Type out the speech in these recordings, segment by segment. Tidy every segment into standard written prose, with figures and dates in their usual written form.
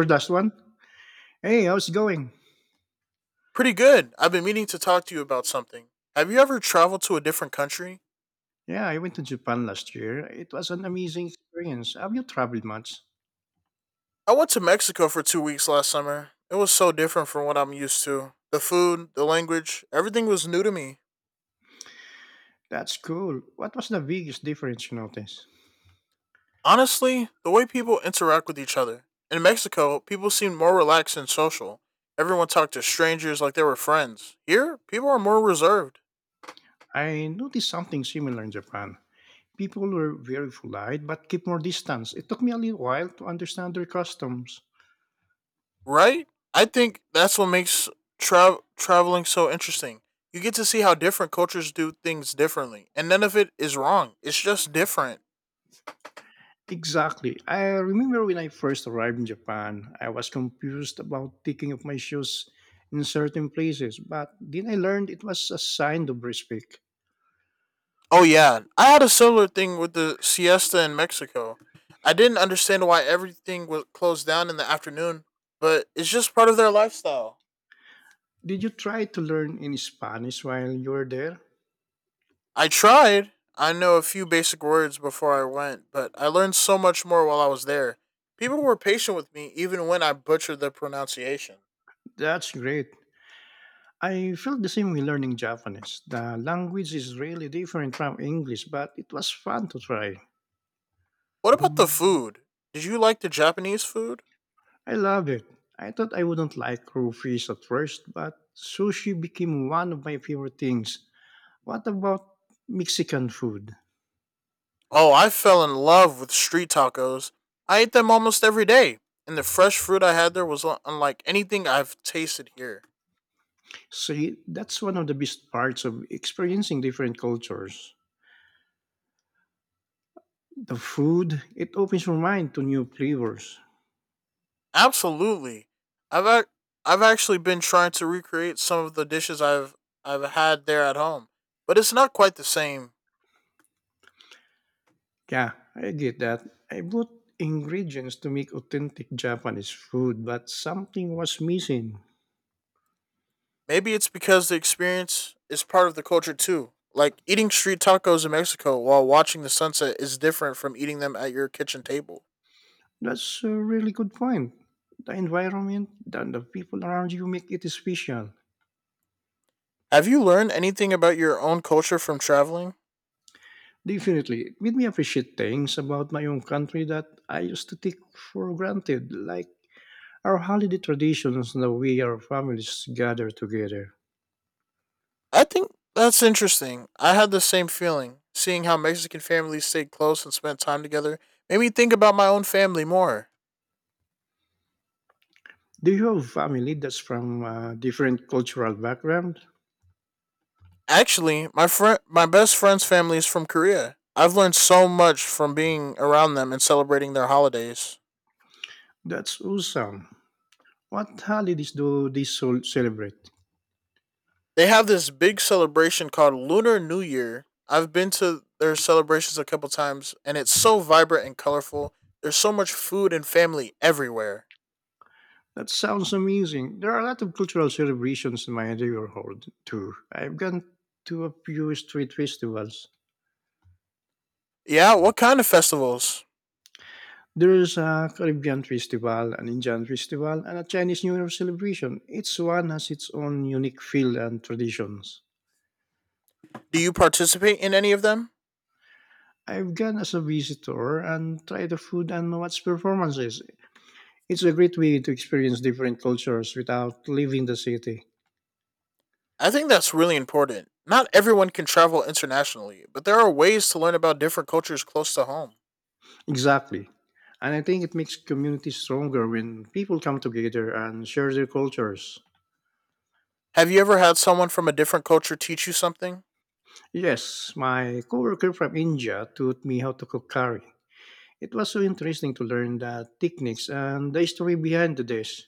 For the last one? Hey, how's it going? Pretty good. I've been meaning to talk to you about something. Have you ever traveled to a different country? Yeah, I went to Japan last year. It was an amazing experience. Have you traveled much? I went to Mexico for 2 weeks last summer. It was so different from what I'm used to. The food, the language, everything was new to me. That's cool. What was the biggest difference you noticed? Honestly, the way people interact with each other. In Mexico, people seemed more relaxed and social. Everyone talked to strangers like they were friends. Here, people are more reserved. I noticed something similar in Japan. People were very polite but keep more distance. It took me a little while to understand their customs. Right? I think that's what makes traveling so interesting. You get to see how different cultures do things differently, and none of it is wrong. It's just different. Exactly. I remember when I first arrived in Japan, I was confused about taking off my shoes in certain places, but then I learned it was a sign of respect. Oh, yeah. I had a similar thing with the siesta in Mexico. I didn't understand why everything was closed down in the afternoon, but it's just part of their lifestyle. Did you try to learn in Spanish while you were there? I tried. I know a few basic words before I went, but I learned so much more while I was there. People were patient with me even when I butchered the pronunciation. That's great. I felt the same way learning Japanese. The language is really different from English, but it was fun to try. What about the food? Did you like the Japanese food? I love it. I thought I wouldn't like raw fish at first, but sushi became one of my favorite things. What about Mexican food? Oh, I fell in love with street tacos. I ate them almost every day, and the fresh fruit I had there was unlike anything I've tasted here. See, that's one of the best parts of experiencing different cultures. The food, it opens your mind to new flavors. Absolutely. I've ac- I've actually been trying to recreate some of the dishes I've had there at home, but it's not quite the same. Yeah, I did that. I bought ingredients to make authentic Japanese food, but something was missing. Maybe it's because the experience is part of the culture too. Like eating street tacos in Mexico while watching the sunset is different from eating them at your kitchen table. That's a really good point. The environment and the people around you make it special. Have you learned anything about your own culture from traveling? Definitely, it made me appreciate things about my own country that I used to take for granted, like our holiday traditions and the way our families gather together. I think that's interesting. I had the same feeling. Seeing how Mexican families stayed close and spent time together made me think about my own family more. Do you have family that's from a different cultural background? Actually, my friend, my best friend's family is from Korea. I've learned so much from being around them and celebrating their holidays. That's awesome. What holidays do they celebrate? They have this big celebration called Lunar New Year. I've been to their celebrations a couple times and it's so vibrant and colorful. There's so much food and family everywhere. That sounds amazing. There are a lot of cultural celebrations in my neighborhood, too. I've gone to a few street festivals. Yeah, what kind of festivals? There's a Caribbean festival, an Indian festival, and a Chinese New Year celebration. Each one has its own unique feel and traditions. Do you participate in any of them? I've gone as a visitor and tried the food and watched performances. It's a great way to experience different cultures without leaving the city. I think that's really important. Not everyone can travel internationally, but there are ways to learn about different cultures close to home. Exactly. And I think it makes communities stronger when people come together and share their cultures. Have you ever had someone from a different culture teach you something? Yes, my coworker from India taught me how to cook curry. It was so interesting to learn the techniques and the history behind the dish.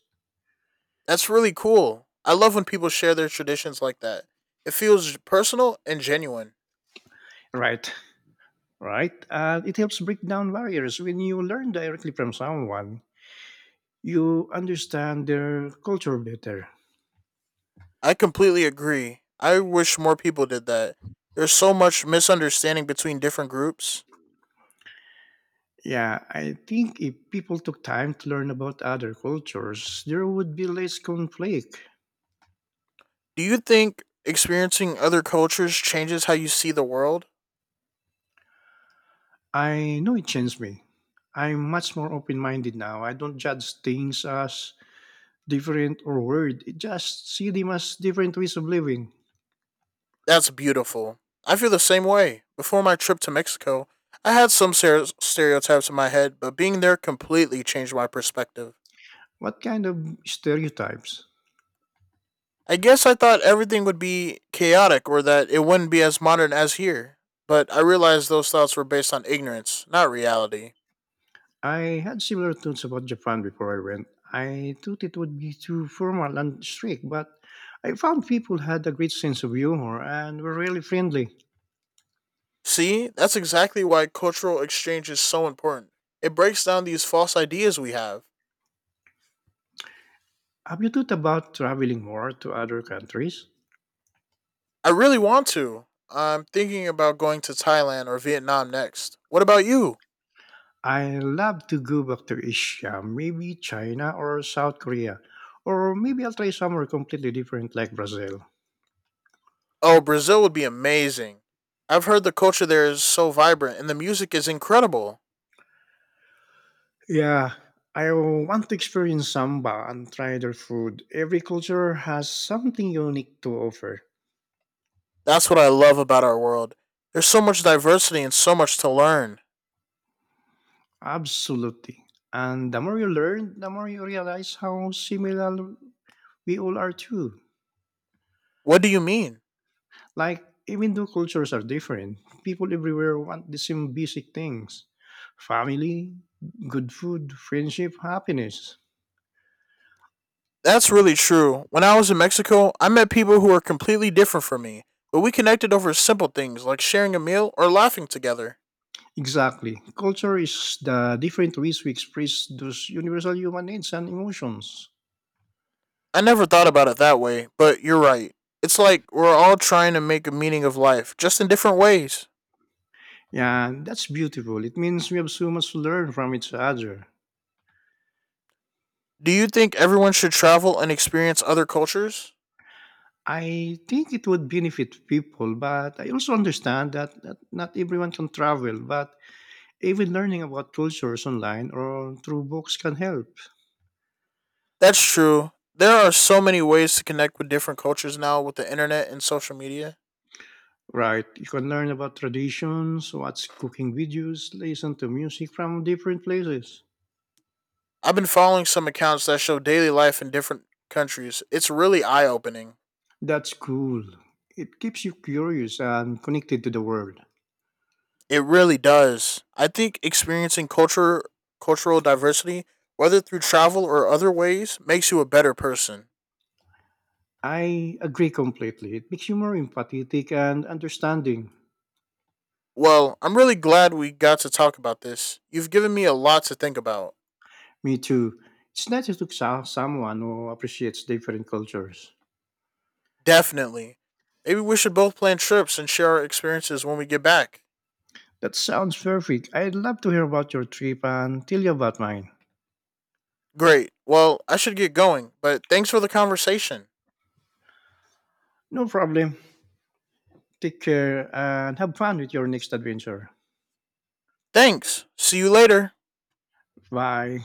That's really cool. I love when people share their traditions like that. It feels personal and genuine. Right, right. And it helps break down barriers when you learn directly from someone. You understand their culture better. I completely agree. I wish more people did that. There's so much misunderstanding between different groups. Yeah, I think if people took time to learn about other cultures, there would be less conflict. Do you think experiencing other cultures changes how you see the world? I know it changed me. I'm much more open minded now. I don't judge things as different or weird. I just see them as different ways of living. That's beautiful. I feel the same way. Before my trip to Mexico, I had some stereotypes in my head, but being there completely changed my perspective. What kind of stereotypes? I guess I thought everything would be chaotic or that it wouldn't be as modern as here, but I realized those thoughts were based on ignorance, not reality. I had similar thoughts about Japan before I went. I thought it would be too formal and strict, but I found people had a great sense of humor and were really friendly. See, that's exactly why cultural exchange is so important. It breaks down these false ideas we have. Have you thought about traveling more to other countries? I really want to. I'm thinking about going to Thailand or Vietnam next. What about you? I love to go back to Asia, maybe China or South Korea, or maybe I'll try somewhere completely different like Brazil. Oh, Brazil would be amazing. I've heard the culture there is so vibrant and the music is incredible. Yeah, I want to experience samba and try their food. Every culture has something unique to offer. That's what I love about our world. There's so much diversity and so much to learn. Absolutely. And the more you learn, the more you realize how similar we all are too. What do you mean? Like, even though cultures are different, people everywhere want the same basic things, family, good food, friendship, happiness. That's really true. When I was in Mexico, I met people who were completely different from me, but we connected over simple things like sharing a meal or laughing together. Exactly. Culture is the different ways we express those universal human needs and emotions. I never thought about it that way, but you're right. It's like we're all trying to make a meaning of life, just in different ways. Yeah, that's beautiful. It means we have so much to learn from each other. Do you think everyone should travel and experience other cultures? I think it would benefit people, but I also understand that not everyone can travel, but even learning about cultures online or through books can help. That's true. There are so many ways to connect with different cultures now with the internet and social media. Right. You can learn about traditions, watch cooking videos, listen to music from different places. I've been following some accounts that show daily life in different countries. It's really eye opening. That's cool. It keeps you curious and connected to the world. It really does. I think experiencing culture cultural diversity, whether through travel or other ways, makes you a better person. I agree completely. It makes you more empathetic and understanding. Well, I'm really glad we got to talk about this. You've given me a lot to think about. Me too. It's nice to talk to someone who appreciates different cultures. Definitely. Maybe we should both plan trips and share our experiences when we get back. That sounds perfect. I'd love to hear about your trip and tell you about mine. Great. Well, I should get going, but thanks for the conversation. No problem. Take care and have fun with your next adventure. Thanks. See you later. Bye.